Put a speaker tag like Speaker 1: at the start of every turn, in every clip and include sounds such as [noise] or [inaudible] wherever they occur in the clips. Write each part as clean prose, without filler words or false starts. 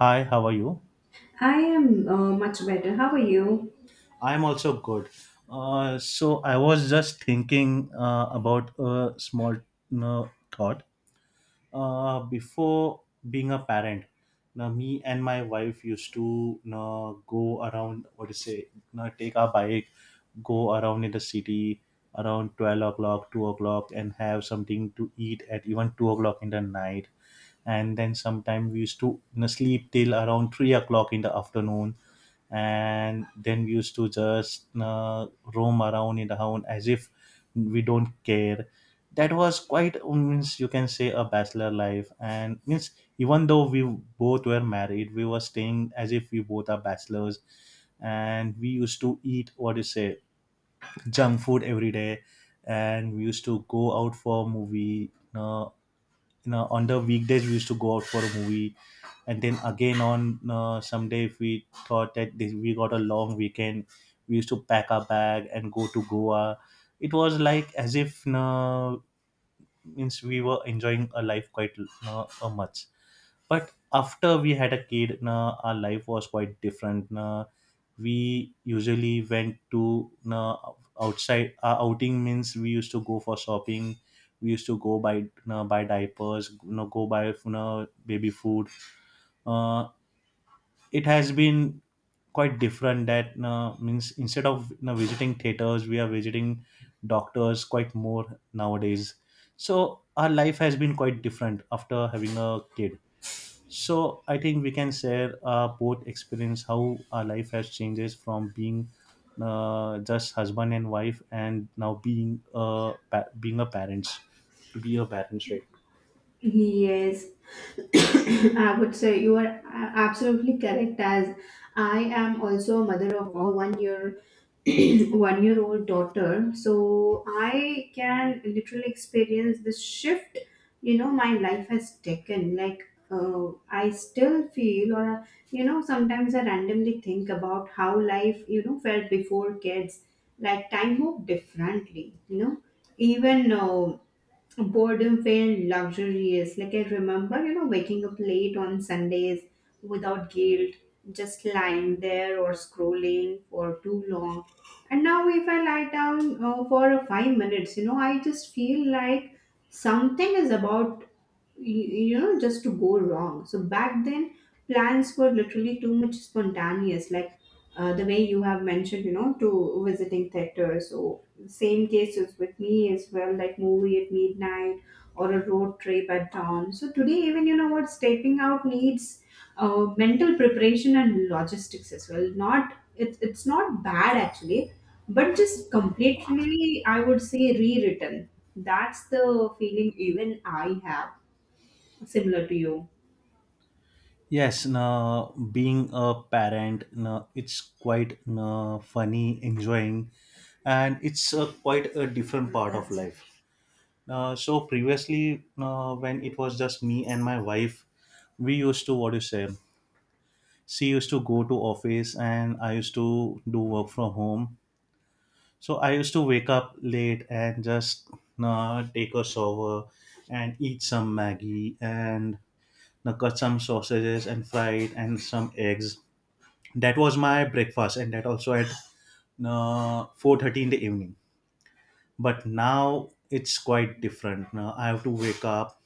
Speaker 1: Hi, how are you?
Speaker 2: I am much better. How are you?
Speaker 1: I'm also good. So I was just thinking about a small uh, thought. Before being a parent, now me and my wife used to go around. What do you say? Take our bike, go around in the city around 12 o'clock, 2 o'clock, and have something to eat at even 2 o'clock in the night. And then sometime we used to sleep till around 3 o'clock in the afternoon, and then we used to just roam around in the town as if we don't care. That was quite, means, you can say, a bachelor life. And means, even though we both were married, we were staying as if we both are bachelors. And we used to eat, what do you say, junk food every day. And we used to go out for a movie, uh, on the weekdays we used to go out for a movie. And then again on someday, if we thought that, this, we got a long weekend, we used to pack our bag and go to goa. It was like as if, means, we were enjoying a life quite much. But after we had a kid, our life was quite different. We usually went to outside. Our outing, means we used to go for shopping. We used to go buy diapers, go buy, baby food. uh, it has been quite different, that means, instead of visiting theaters, we are visiting doctors quite more nowadays. So our life has been quite different after having a kid. So I think we can share both experience, how our life has changes from being just husband and wife, and now being a parents, to be a parents, right?
Speaker 2: Yes, [coughs] I would say you are absolutely correct. As I am also a mother of a 1 year [coughs] 1-year-old [coughs] daughter, so I can literally experience the shift. My life has taken. Like I still feel, or you know, sometimes I randomly think about how life felt before kids. Like time moved differently. You know, even. Boredom felt luxurious. Like I remember, waking up late on Sundays without guilt, just lying there or scrolling for too long. And now, if I lie down for a 5 minutes, I just feel like something is about, you, just to go wrong. So back then, plans were literally too much spontaneous. Like the way you have mentioned, to visiting theaters. Same cases with me as well, like movie at midnight or a road trip at dawn. So today, even you know what, stepping out needs mental preparation and logistics as well. Not it's not bad actually, but just completely, I would say, rewritten. That's the feeling even I have, similar to you.
Speaker 1: Yes, no, being a parent, no, it's quite, no, funny, enjoying, and it's a, quite a different part of life. So previously, when it was just me and my wife, we used to, what do you say. She used to go to office, and I used to do work from home. So I used to wake up late and just take a shower and eat some Maggie and cut some sausages and fry it and some eggs. That was my breakfast, and that also at 4:30 in the evening. But now it's quite different. Now I have to wake up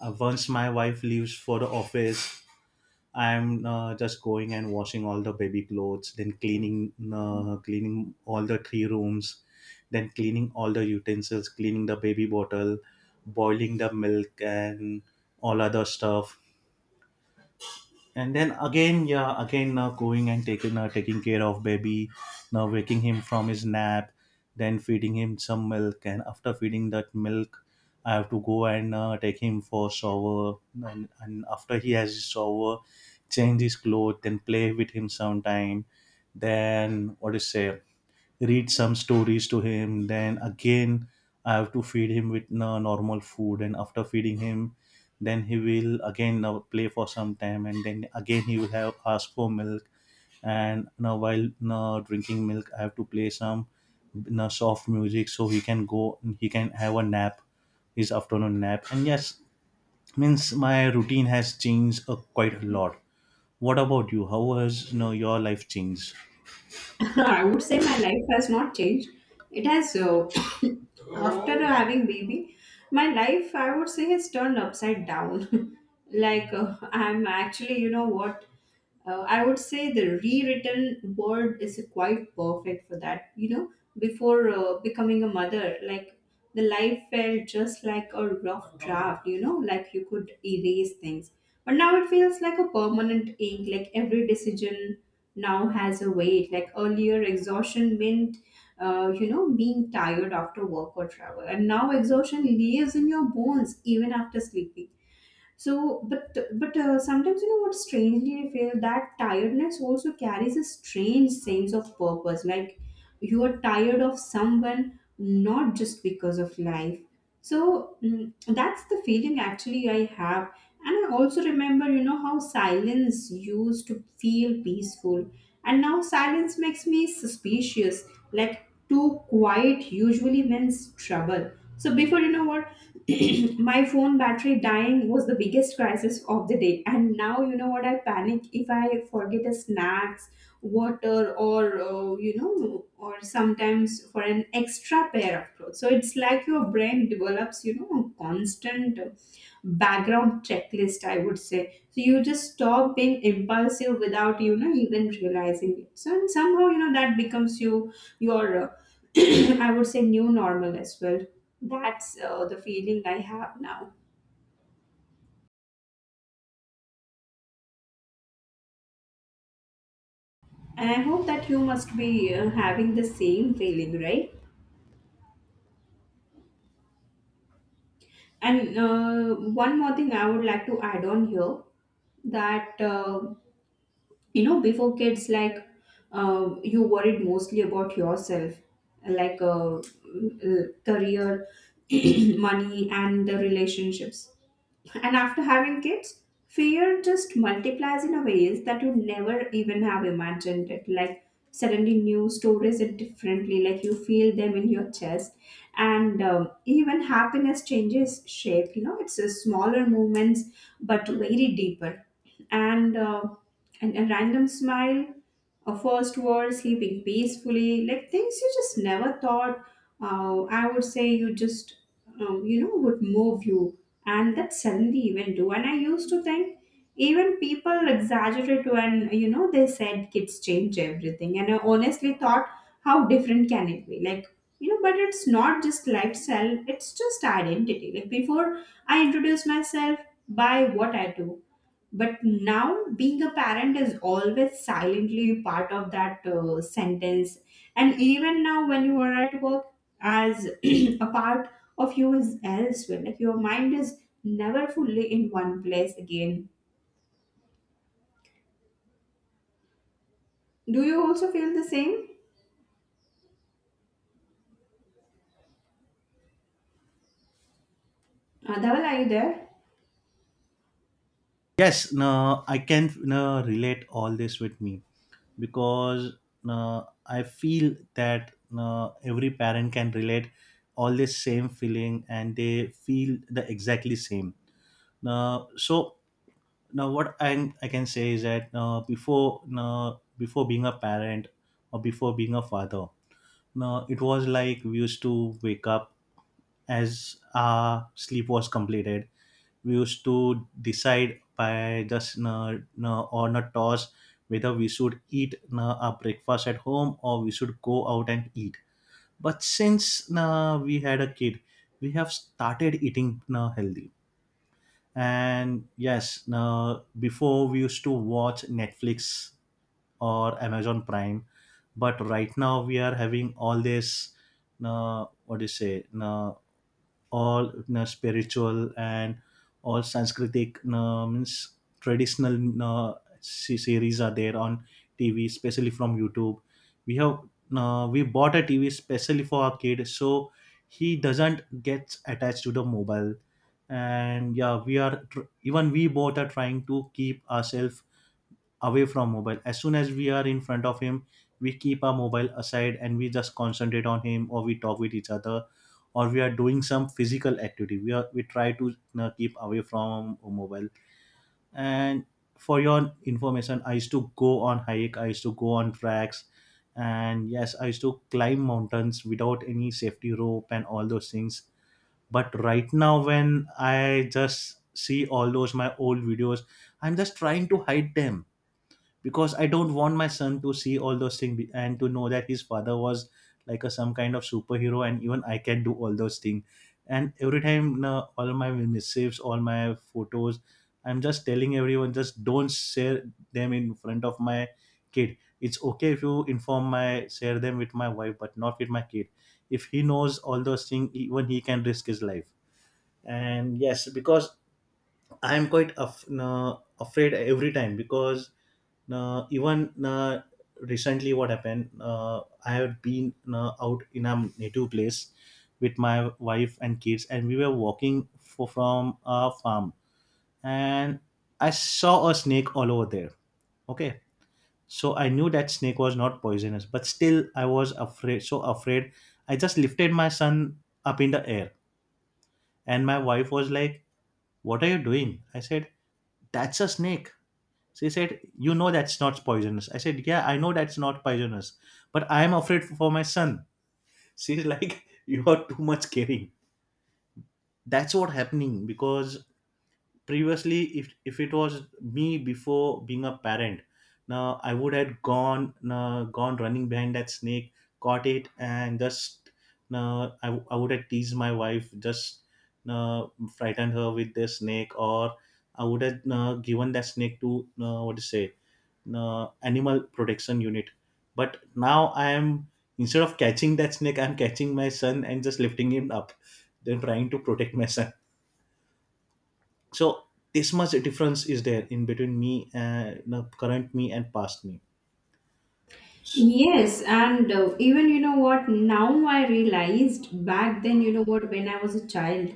Speaker 1: once my wife leaves for the office. I'm just going and washing all the baby clothes, then cleaning all the three rooms, then cleaning all the utensils, cleaning the baby bottle, boiling the milk, and all other stuff. And then again, yeah, again now going and taking care of baby, now waking him from his nap, then feeding him some milk. And after feeding that milk, I have to go and take him for shower. And after he has his shower, change his clothes, then play with him sometime, then, what is say, read some stories to him. Then again I have to feed him with normal food, and after feeding him, then he will again now play for some time, and then again he will have ask for milk. And now while now drinking milk, I have to play some now soft music so he can go, he can have a nap, his afternoon nap. And yes, means my routine has changed quite a lot. What about you? How has your life changed?
Speaker 2: [laughs] I would say my life has not changed. It has, uh, [coughs] After having baby, my life I would say has turned upside down. [laughs] Like I'm actually, you know what? I would say the rewritten word is quite perfect for that. You know, before becoming a mother, like the life felt just like a rough draft. Like you could erase things, but now it feels like a permanent ink. Like every decision now has a weight. Like earlier, exhaustion meant, being tired after work or travel. And now exhaustion lives in your bones even after sleeping. So, but sometimes you know what? Strangely, I feel that tiredness also carries a strange sense of purpose. Like you are tired of someone, not just because of life. So that's the feeling actually I have. And I also remember, how silence used to feel peaceful, and now silence makes me suspicious. Like too quiet usually means trouble. So before, you know what, [clears throat] my phone battery dying was the biggest crisis of the day. And now, you know what, I panic if I forget a snack, water, or you know or sometimes for an extra pair of clothes. So it's like your brain develops a constant background checklist, I would say. So, you just stop being impulsive without you know even realizing it so and somehow, that becomes your [clears throat] I would say, new normal as well. That's the feeling I have now, and I hope that you must be having the same feeling, right? And one more thing I would like to add on here, that before kids, like you worried mostly about yourself, like career, [clears throat] money and the relationships. And after having kids, fear just multiplies in a ways that you never even have imagined it, like suddenly new stories it differently, like you feel them in your chest. And even happiness changes shape, it's a smaller movements, but very deeper. And, uh, and a random smile, a first word, sleeping peacefully, like things you just never thought. I would say you just, would move you. And that suddenly even do. And I used to think even people exaggerate when, they said kids change everything. And I honestly thought, how different can it be? Like, but it's not just lifestyle, it's just identity. Like, before I introduce myself by what I do, but now being a parent is always silently part of that sentence. And even now when you are at work, as [clears throat] a part of you is elsewhere, like your mind is never fully in one place again. Do you also feel the same? Dhaval, are you there?
Speaker 1: Yes, no, I can, no, relate all this with me, because, no, I feel that, no, every parent can relate all this same feeling, and they feel the exactly same. No, so now what I can say is that, no, before, no, before being a parent or before being a father, no, it was like we used to wake up as our sleep was completed. We used to decide by just on a toss whether we should eat our breakfast at home or we should go out and eat. But since we had a kid, we have started eating healthy. And yes, now before we used to watch Netflix or Amazon Prime, but right now we are having all this. What do you say? All, spiritual and all Sanskritic, means traditional, series are there on TV, especially from YouTube. We have, we bought a TV specially for our kid, so he doesn't get attached to the mobile. And yeah, even we both are trying to keep ourselves away from mobile. As soon as we are in front of him, we keep our mobile aside, and we just concentrate on him or we talk with each other or we are doing some physical activity. We are, we try to, keep away from mobile. And for your information, I used to go on hike, I used to go on tracks. And yes, I used to climb mountains without any safety rope and all those things. But right now when I just see all those my old videos, I'm just trying to hide them, because I don't want my son to see all those things and to know that his father was like a some kind of superhero and even I can do all those things. And every time all my missives, all my photos, I'm just telling everyone, just don't share them in front of my kid. It's okay if you inform my share them with my wife, but not with my kid. If he knows all those things, even he can risk his life. And yes, because I am quite afraid every time, because na even na recently what happened, I had been na out in a native place with my wife and kids, and we were walking for, from a farm, and I saw a snake all over there. Okay. So I knew that snake was not poisonous, but still I was afraid, so afraid I just lifted my son up in the air. And my wife was like, "What are you doing?" I said, "That's a snake." She said, "You know that's not poisonous." I said, "Yeah, I know that's not poisonous, but I'm afraid for my son." She's like, [laughs] "You are too much caring." That's what happening, because previously, if it was me before being a parent, now I would have gone running behind that snake, caught it, and just I would have teased my wife, just uh, frightened her with the snake, or I would have given that snake to what to say, animal protection unit. But now I am, instead of catching that snake, I'm catching my son and just lifting him up, then trying to protect my son. So this much difference is there in between me and the current me and past me. S-
Speaker 2: Yes, and even, you know what, now I realized back then, you know what, when I was a child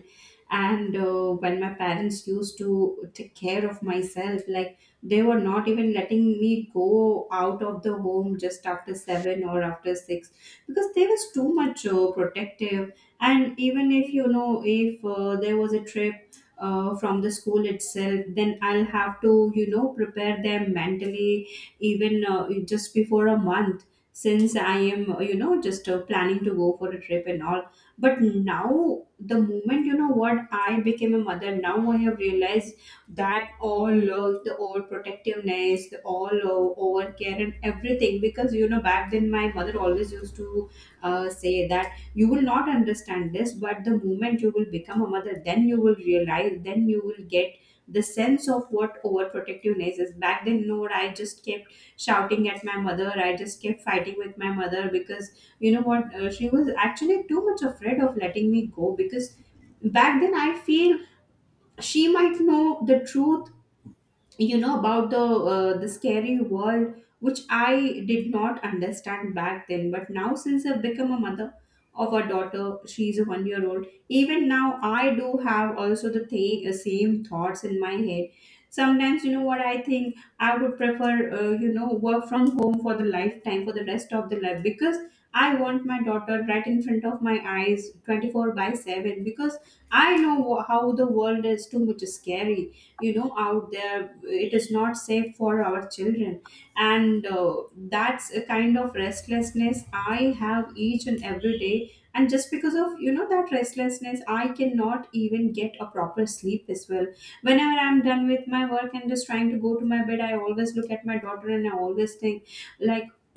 Speaker 2: and when my parents used to take care of myself, like they were not even letting me go out of the home just after seven or after six, because there was too much protective. And even if you know, if there was a trip, from the school itself, then I'll have to, prepare them mentally, even just before a month, since I am just planning to go for a trip and all. But now the moment you know what, I became a mother, now I have realized that all the all protectiveness, the all over care and everything. Because back then, my mother always used to say that you will not understand this, but the moment you will become a mother, then you will realize, then you will get the sense of what overprotectiveness is. Back then, you know what, I just came shouting at my mother. I just kept fighting with my mother because, you know what? She was actually too much afraid of letting me go, because back then I feel she might know the truth, about the scary world which I did not understand back then. But now since I've become a mother of a daughter, she's a 1-year-old. Even now I do have also the same thoughts in my head. Sometimes, you know what, I think I would prefer, work from home for the lifetime, for the rest of the life. Because I want my daughter right in front of my eyes 24 by 7, because I know how the world is too much scary, out there. It is not safe for our children. And that's a kind of restlessness I have each and every day. And just because of, that restlessness, I cannot even get a proper sleep as well. Whenever I'm done with my work and just trying to go to my bed, I always look at my daughter and I always think, like [clears throat]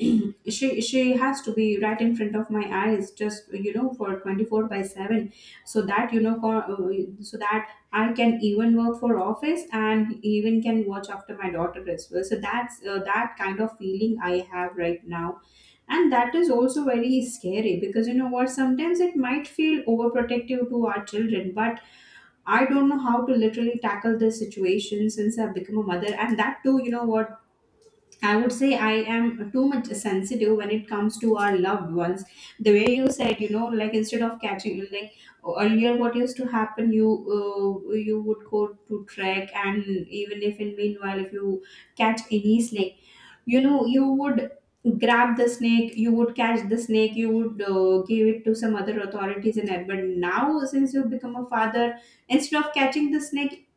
Speaker 2: she has to be right in front of my eyes just, for 24 by 7, so that you know co- so that I can even work for office and even can watch after my daughter as well. So that's that kind of feeling I have right now, and that is also very scary because, you know what? Sometimes it might feel overprotective to our children, but I don't know how to literally tackle this situation since I've become a mother. And that too, you know what? I would say I am too much sensitive when it comes to our loved ones. The way you said, like instead of catching, like earlier, what used to happen, you would go to trek. And even if in meanwhile, if you catch any snake, you would grab the snake, you would catch the snake, you would give it to some other authorities and that. But now, since you become a father, instead of catching the snake,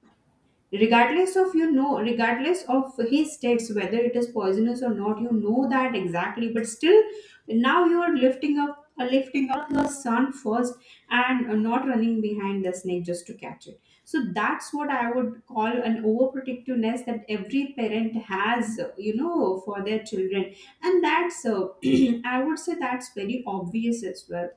Speaker 2: regardless of regardless of his states, whether it is poisonous or not, you know that exactly, but still now you are lifting up the sun first. And not running behind the snake just to catch it. So that's what I would call an overprotectiveness that every parent has, for their children. And that's [clears throat] I would say, that's very obvious as well.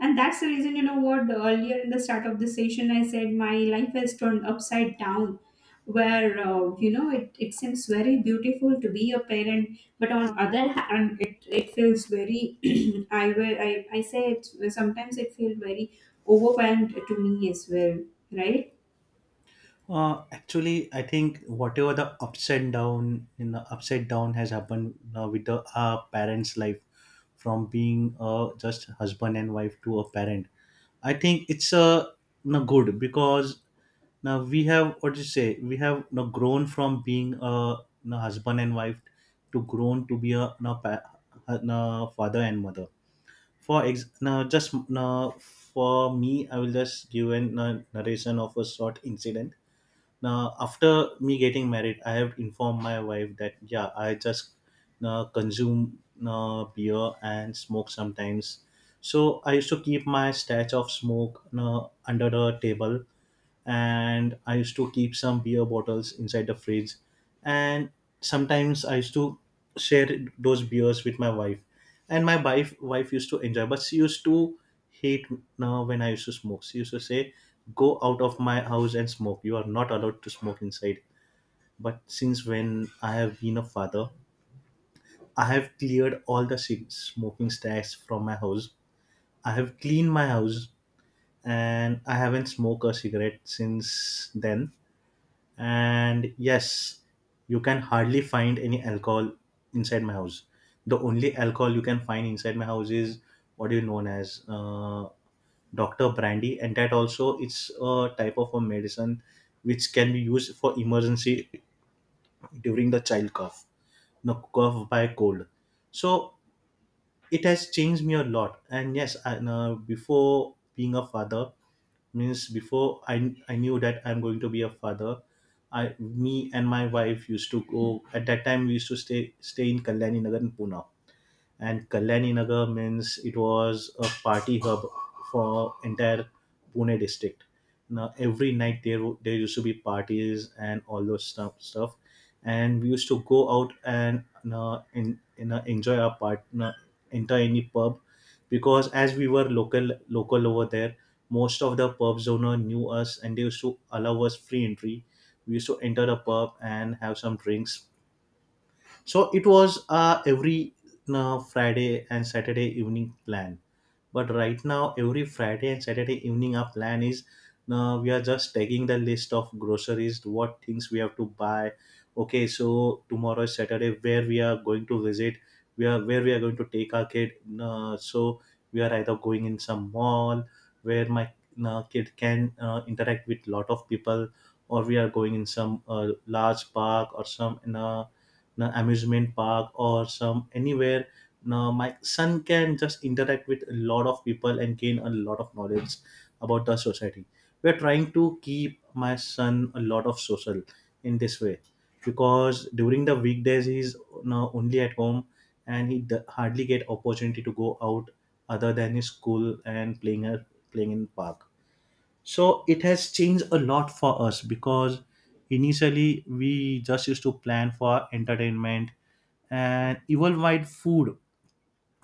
Speaker 2: And that's the reason, what earlier in the start of the session I said, my life has turned upside down. Where, it seems very beautiful to be a parent, but on other hand, it feels very, [clears throat] I say it, sometimes it feels very overwhelmed to me as well, right?
Speaker 1: actually I think whatever the ups and down in the upside down has happened with the parents life, from being just husband and wife to a parent, I think it's no good. Because now we have, what do you say, we have now grown from being a you husband and wife to grown to be a you pa- uh, father and mother. For now, just now for me, I will just give a narration of a short incident. Now, after me getting married, I have informed my wife that, yeah, I just consume beer and smoke sometimes. So I used to keep my stash of smoke under the table, and I used to keep some beer bottles inside the fridge. And sometimes I used to share those beers with my wife. And my wife used to enjoy, but she used to hate now when I used to smoke. She used to say, "Go out of my house and smoke. You are not allowed to smoke inside." But since when I have been a father, I have cleared all the smoking stacks from my house. I have cleaned my house, and I haven't smoked a cigarette since then. And yes, you can hardly find any alcohol inside my house. The only alcohol you can find inside my house is what is known as Dr. Brandy, and that also it's a type of a medicine which can be used for emergency during the child cough, no, cough by cold. So it has changed me a lot. And yes, and before being a father, means before I knew that I'm going to be a father, I, me and my wife used to go. At that time we used to stay in Kalyani Nagar in Pune. And Kalyani Nagar means it was a party hub for entire Pune district. Now every night there used to be parties and all those stuff, and we used to go out and in enjoy our enter any pub, because as we were local over there, most of the pubs owner knew us and they used to allow us free entry. We used to enter the pub and have some drinks. So it was every Friday and Saturday evening plan. But right now, every Friday and Saturday evening, our plan is, we are just taking the list of groceries, what things we have to buy. Okay, so tomorrow is Saturday, where we are going to visit, we are where we are going to take our kid. So we are either going in some mall where my kid can interact with lot of people, or we are going in some large park or some in a know, amusement park or some anywhere. Now my son can just interact with a lot of people and gain a lot of knowledge about the society. We're trying to keep my son a lot of social in this way, because during the weekdays he's now only at home, and he hardly get opportunity to go out other than his school and playing in park. So it has changed a lot for us, because initially we just used to plan for entertainment and even while food.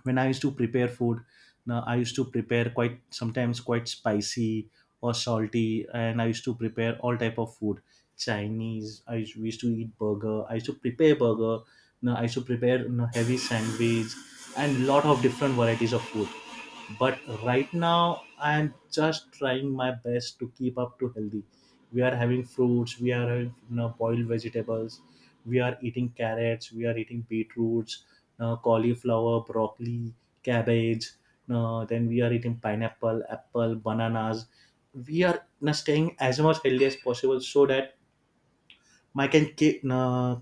Speaker 1: When I used to prepare food, now I used to prepare quite sometimes quite spicy or salty, and I used to prepare all type of food. Chinese. We used to eat burger. I used to prepare burger. Now I used to prepare heavy sandwich and lot of different varieties of food. But right now I am just trying my best to keep up to healthy. We are having fruits. We are having boiled vegetables. We are eating carrots. We are eating beetroots, cauliflower, broccoli, cabbage, then we are eating pineapple, apple, bananas. We are, staying as much healthy as possible so that my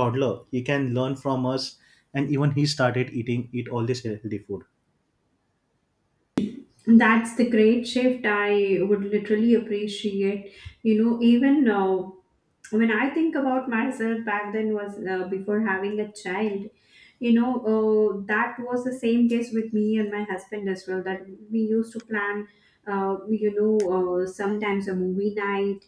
Speaker 1: toddler, he can learn from us, and even he started eat all this healthy food.
Speaker 2: That's the great shift I would literally appreciate. You know, even now, when I think about myself back then was before having a child, you know, that was the same case with me and my husband as well. That we used to plan, sometimes a movie night,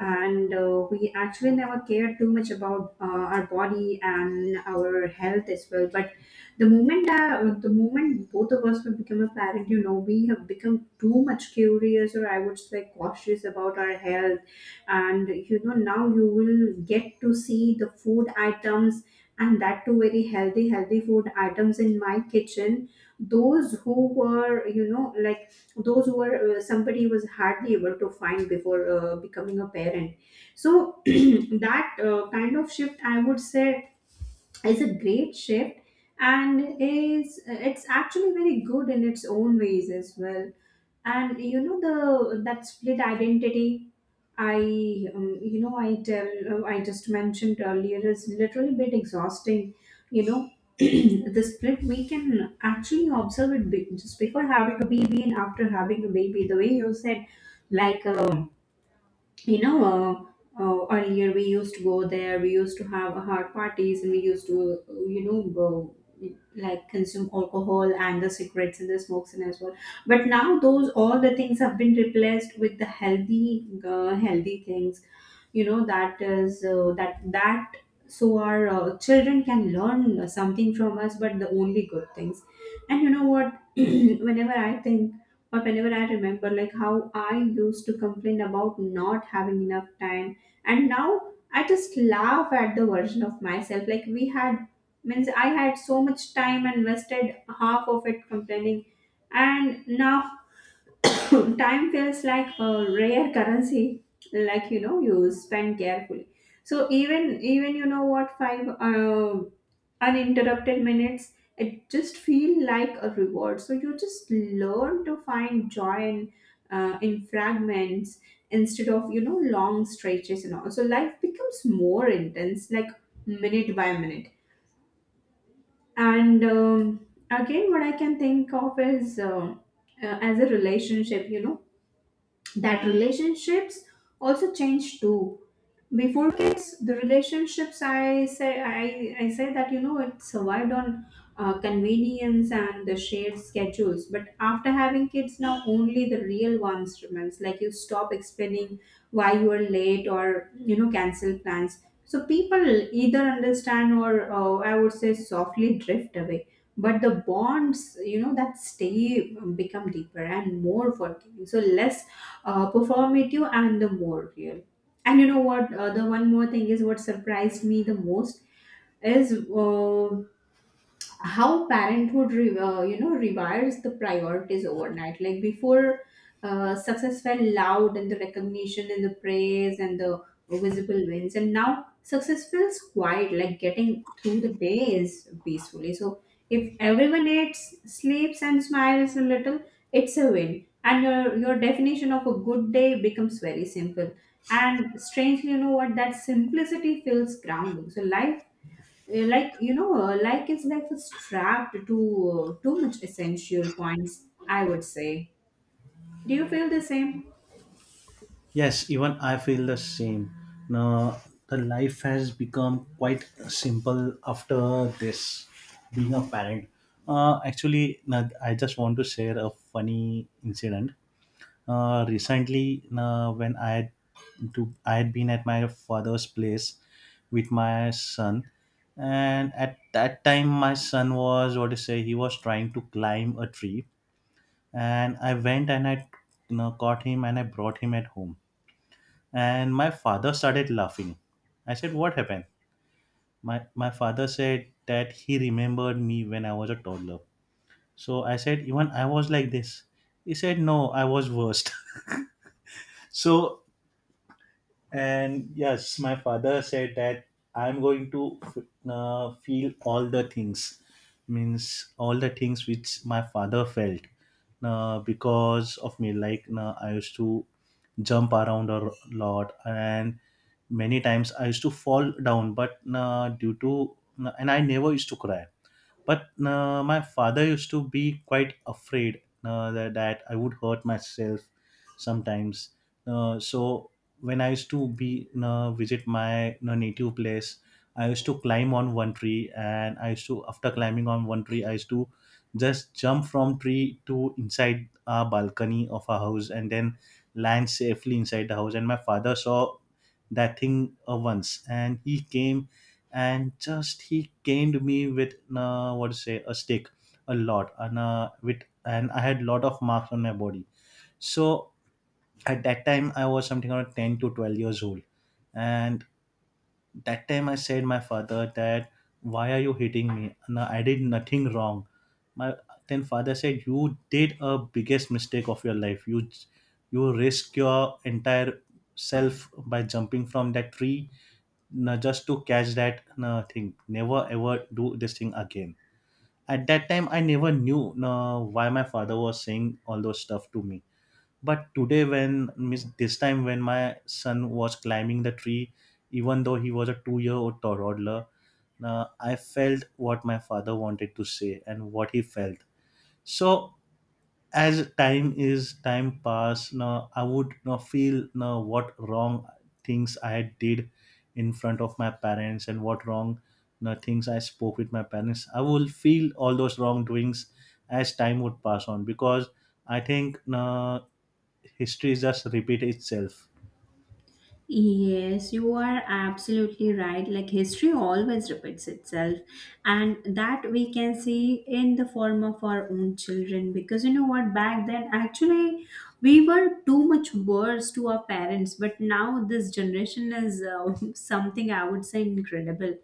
Speaker 2: and we actually never cared too much about our body and our health as well. But the moment both of us will become a parent, we have become too much curious, or I would say cautious, about our health. And now you will get to see the food items, and that too very healthy healthy food items in my kitchen, those who were you know like those who were somebody was hardly able to find before becoming a parent. So, [clears throat] that kind of shift, I would say, is a great shift, and is it's actually very good in its own ways as well. And the that split identity I, you know, I tell, I just mentioned earlier is literally bit exhausting. You know, [clears throat] the split, we can actually observe just before having a baby and after having a baby. The way you said, like, you know, earlier we used to go there, we used to have hard parties, and we used to, go, like, consume alcohol and the cigarettes and the smokes and as well. But now those all the things have been replaced with the healthy things, that is that that so our children can learn something from us, but the only good things. And you know what, [clears throat] whenever I think, or whenever I remember, like how I used to complain about not having enough time. And now I just laugh at the version of myself. Like we had means, I had so much time, and wasted half of it complaining. And now [coughs] [laughs] time feels like a rare currency. Like, you spend carefully. So even you know what 5 uninterrupted minutes, it just feel like a reward. So you just learn to find joy in, fragments, instead of, long stretches and all. So life becomes more intense, like, minute by minute. And again, what I can think of is, as a relationship, that relationships also change too. Before kids, the relationships, I say that, it survived on convenience and the shared schedules. But after having kids, now only the real ones remains, like, you stop explaining why you are late, or, cancel plans. So people either understand, or, I would say, softly drift away. But the bonds, that stay become deeper and more forgiving, so less performative and the more real. And you know what? The one more thing is what surprised me the most is, how parenthood rewires the priorities overnight. Like before, success felt loud, and the recognition, and the praise, and the visible wins. And now success feels quiet, like getting through the days peacefully. So if everyone eats, sleeps and smiles a little, it's a win. And your definition of a good day becomes very simple. And strangely, you know what that simplicity feels grounding. So life like you know like his life is strapped to, too much essential points, I would say. Do you feel the same?
Speaker 1: Yes, even I feel the same. Now, the life has become quite simple after this being a parent. Actually, now I just want to share a funny incident. Recently, now when I had been at my father's place with my son, and at that time, my son was what to say. He was trying to climb a tree, and I went and I, caught him and I brought him at home, and my father started laughing. I said, "What happened?" My father said that he remembered me when I was a toddler. So I said, "Even I was like this." He said, "No, I was worst." [laughs] So, and yes, my father said that I'm going to feel all the things, means all the things which my father felt because of me. Like I used to jump around a lot, and many times I used to fall down, but due to and I never used to cry, but my father used to be quite afraid that I would hurt myself sometimes. So when I used to be visit my native place, I used to climb on one tree, and I used to after climbing on one tree I used to just jump from tree to inside our balcony of our house, and then land safely inside the house. And my father saw that thing once, and he came and just he caned me with, what to say, a stick a lot, and with and I had lot of marks on my body. So at that time I was something around 10 to 12 years old, and that time I said my father that, "Why are you hitting me? No, I did nothing wrong." My then father said, "You did a biggest mistake of your life. You risk your entire self by jumping from that tree. No, just to catch that, no, thing. Never ever do this thing again." At that time I never knew, no, why my father was saying all those stuff to me. But today, when miss this time when my son was climbing the tree, even though he was a 2 year old toddler, I felt what my father wanted to say and what he felt. So as time is time pass, now I would now feel now what wrong things I did in front of my parents, and what wrong now things I spoke with my parents, I will feel all those wrongdoings as time would pass on, because I think now history just repeat itself.
Speaker 2: Yes, you are absolutely right. Like history always repeats itself, and that we can see in the form of our own children. Because you know what, back then, actually, we were too much worse to our parents, but now this generation is, [laughs] something I would say, incredible.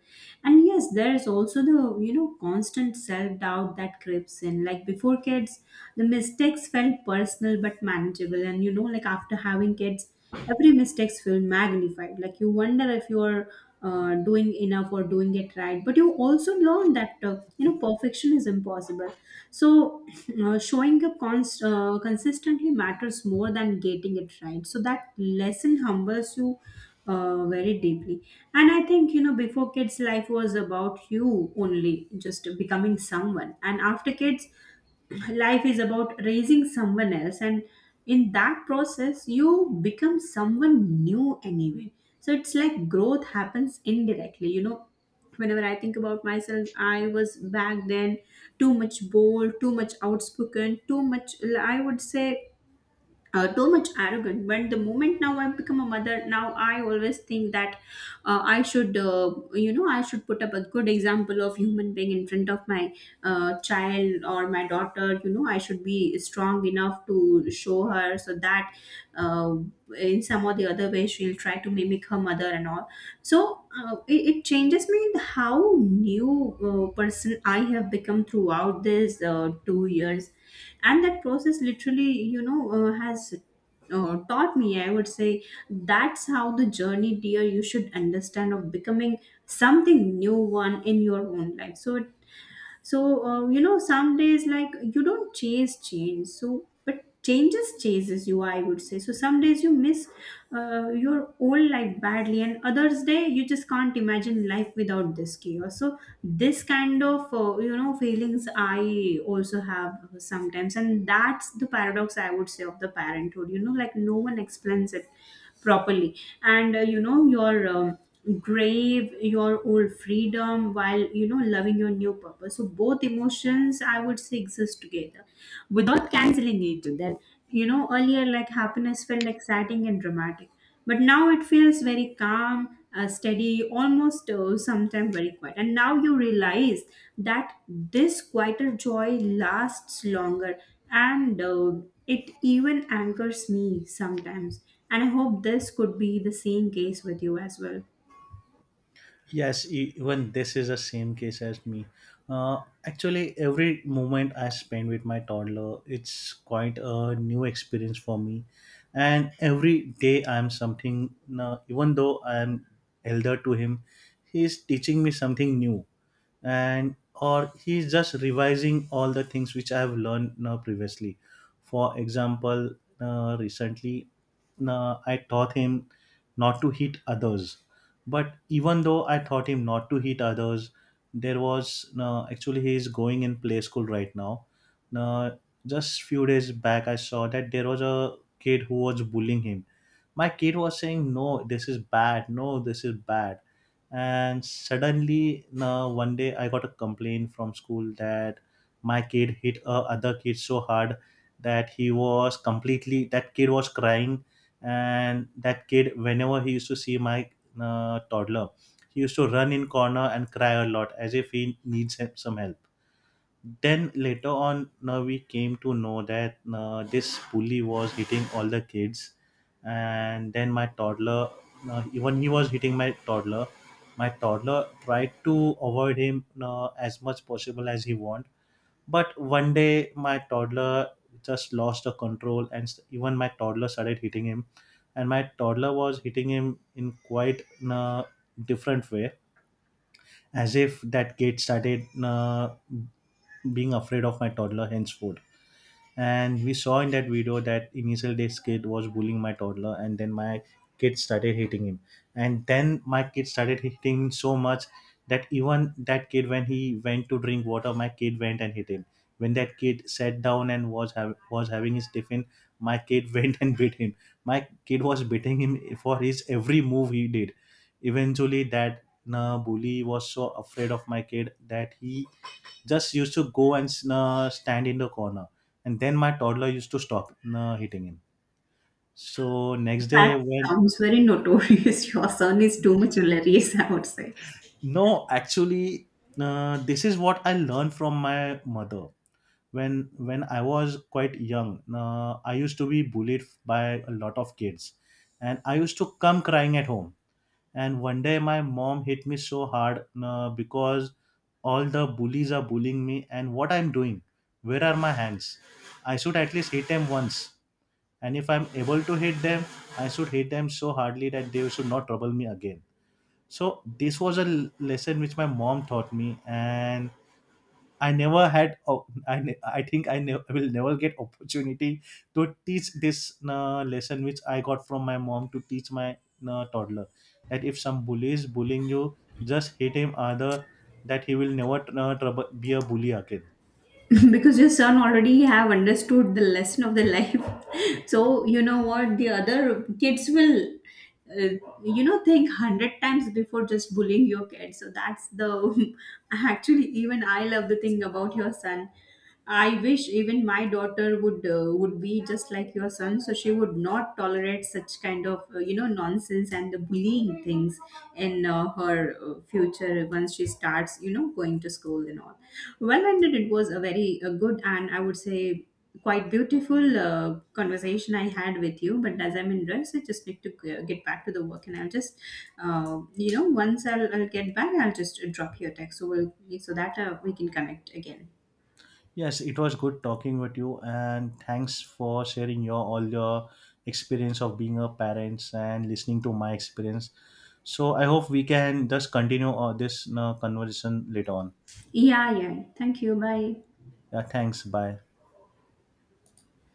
Speaker 2: And yes, there is also the, constant self doubt that creeps in. Like before kids, the mistakes felt personal but manageable, and, like after having kids, every mistakes feel magnified, like you wonder if you are, doing enough or doing it right. But you also learn that, perfection is impossible. So, [clears throat] showing up consistently matters more than getting it right. So that lesson humbles you, very deeply. And I think, before kids, life was about you only just becoming someone. And after kids, life is about raising someone else. And in that process you become someone new anyway. So it's like growth happens indirectly. Whenever I think about myself, I was back then too much bold, too much outspoken, too much, I would say, too much arrogant. But the moment now I become a mother, now I always think that, I should put up a good example of human being in front of my child or my daughter. I should be strong enough to show her, so that, uh, in some or the other way, she'll try to mimic her mother and all. So, it changes me, how new person I have become throughout this 2 years. And that process literally, has taught me, I would say, that's how the journey, dear, you should understand, of becoming something new one in your own life, so it so you know some days, like, you don't chase change, so but changes chases you, I would say. So some days you miss your old life badly, and others day, you just can't imagine life without this chaos. So this kind of, feelings I also have sometimes. And that's the paradox, I would say, of the parenthood. No one explains it properly. And your grave your old freedom, while, loving your new purpose. So both emotions, I would say, exist together without canceling each other. Earlier, like, happiness felt exciting and dramatic, but now it feels very calm, steady, almost, sometimes very quiet. And now you realize that this quieter joy lasts longer. And it even anchors me sometimes. And I hope this could be the same case with you as well.
Speaker 1: Yes, even this is the same case as me. Actually, every moment I spend with my toddler, it's quite a new experience for me. And every day I'm something, now, even though I'm elder to him, he's teaching me something new. And or he's just revising all the things which I have learned now previously. For example, recently I taught him not to hit others. But even though I taught him not to hit others, there was, no, actually, he is going in play school right now. Now, just few days back, I saw that there was a kid who was bullying him. My kid was saying, "No, this is bad. No, this is bad." And suddenly, now one day I got a complaint from school that my kid hit a other kid so hard that he was completely that kid was crying, and that kid, whenever he used to see my toddler, he used to run in corner and cry a lot as if he needs some help. Then later on, now we came to know that this bully was hitting all the kids, and then my toddler, even he was hitting my toddler. My toddler tried to avoid him as much possible as he want, but one day, my toddler just lost the control, and even my toddler started hitting him. And my toddler was hitting him in quite a different way, as if that kid started being afraid of my toddler henceforth. And we saw in that video that initial this kid was bullying my toddler, and then my kid started hitting him, and then my kid started hitting him so much that even that kid, when he went to drink water, my kid went and hit him. When that kid sat down and was having his tiffin, my kid [laughs] went and beat him. My kid was beating him for his every move he did. Eventually that bully was so afraid of my kid that he just used to go and stand in the corner, and then my toddler used to stop hitting him. So next day
Speaker 2: That
Speaker 1: when
Speaker 2: sounds very notorious. [laughs] Your son is too much hilarious, I would say.
Speaker 1: no, actually, this is what I learned from my mother. When I was quite young, I used to be bullied by a lot of kids, and I used to come crying at home. And one day my mom hit me so hard, because all the bullies are bullying me, and what I'm doing? Where are my hands? I should at least hit them once. And if I'm able to hit them, I should hit them so hardly that they should not trouble me again. So this was lesson which my mom taught me, and I never had o- I think I ne- I will never get opportunity to teach this lesson which I got from my mom, to teach my toddler, that if some bully is bullying you, just hit him, either that he will never be a bully again.
Speaker 2: [laughs] Because your son already have understood the lesson of the life. [laughs] So you know what, the other kids will, think 100 times before just bullying your kid. So that's the [laughs] actually, even I love the thing about your son. I wish even my daughter would be just like your son, so she would not tolerate such kind of, nonsense and the bullying things in, her future once she starts, going to school and all. Well ended. It was a very good, and I would say, quite beautiful conversation I had with you. But as I'm in rush, I just need to get back to the work. And I'll just you know once I'll get back, I'll just drop you a text, so that we can connect again.
Speaker 1: Yes, it was good talking with you, and thanks for sharing your all your experience of being a parents and listening to my experience. So I hope we can just continue this conversation later on.
Speaker 2: Yeah, yeah. Thank you. Bye.
Speaker 1: Yeah, thanks. Bye.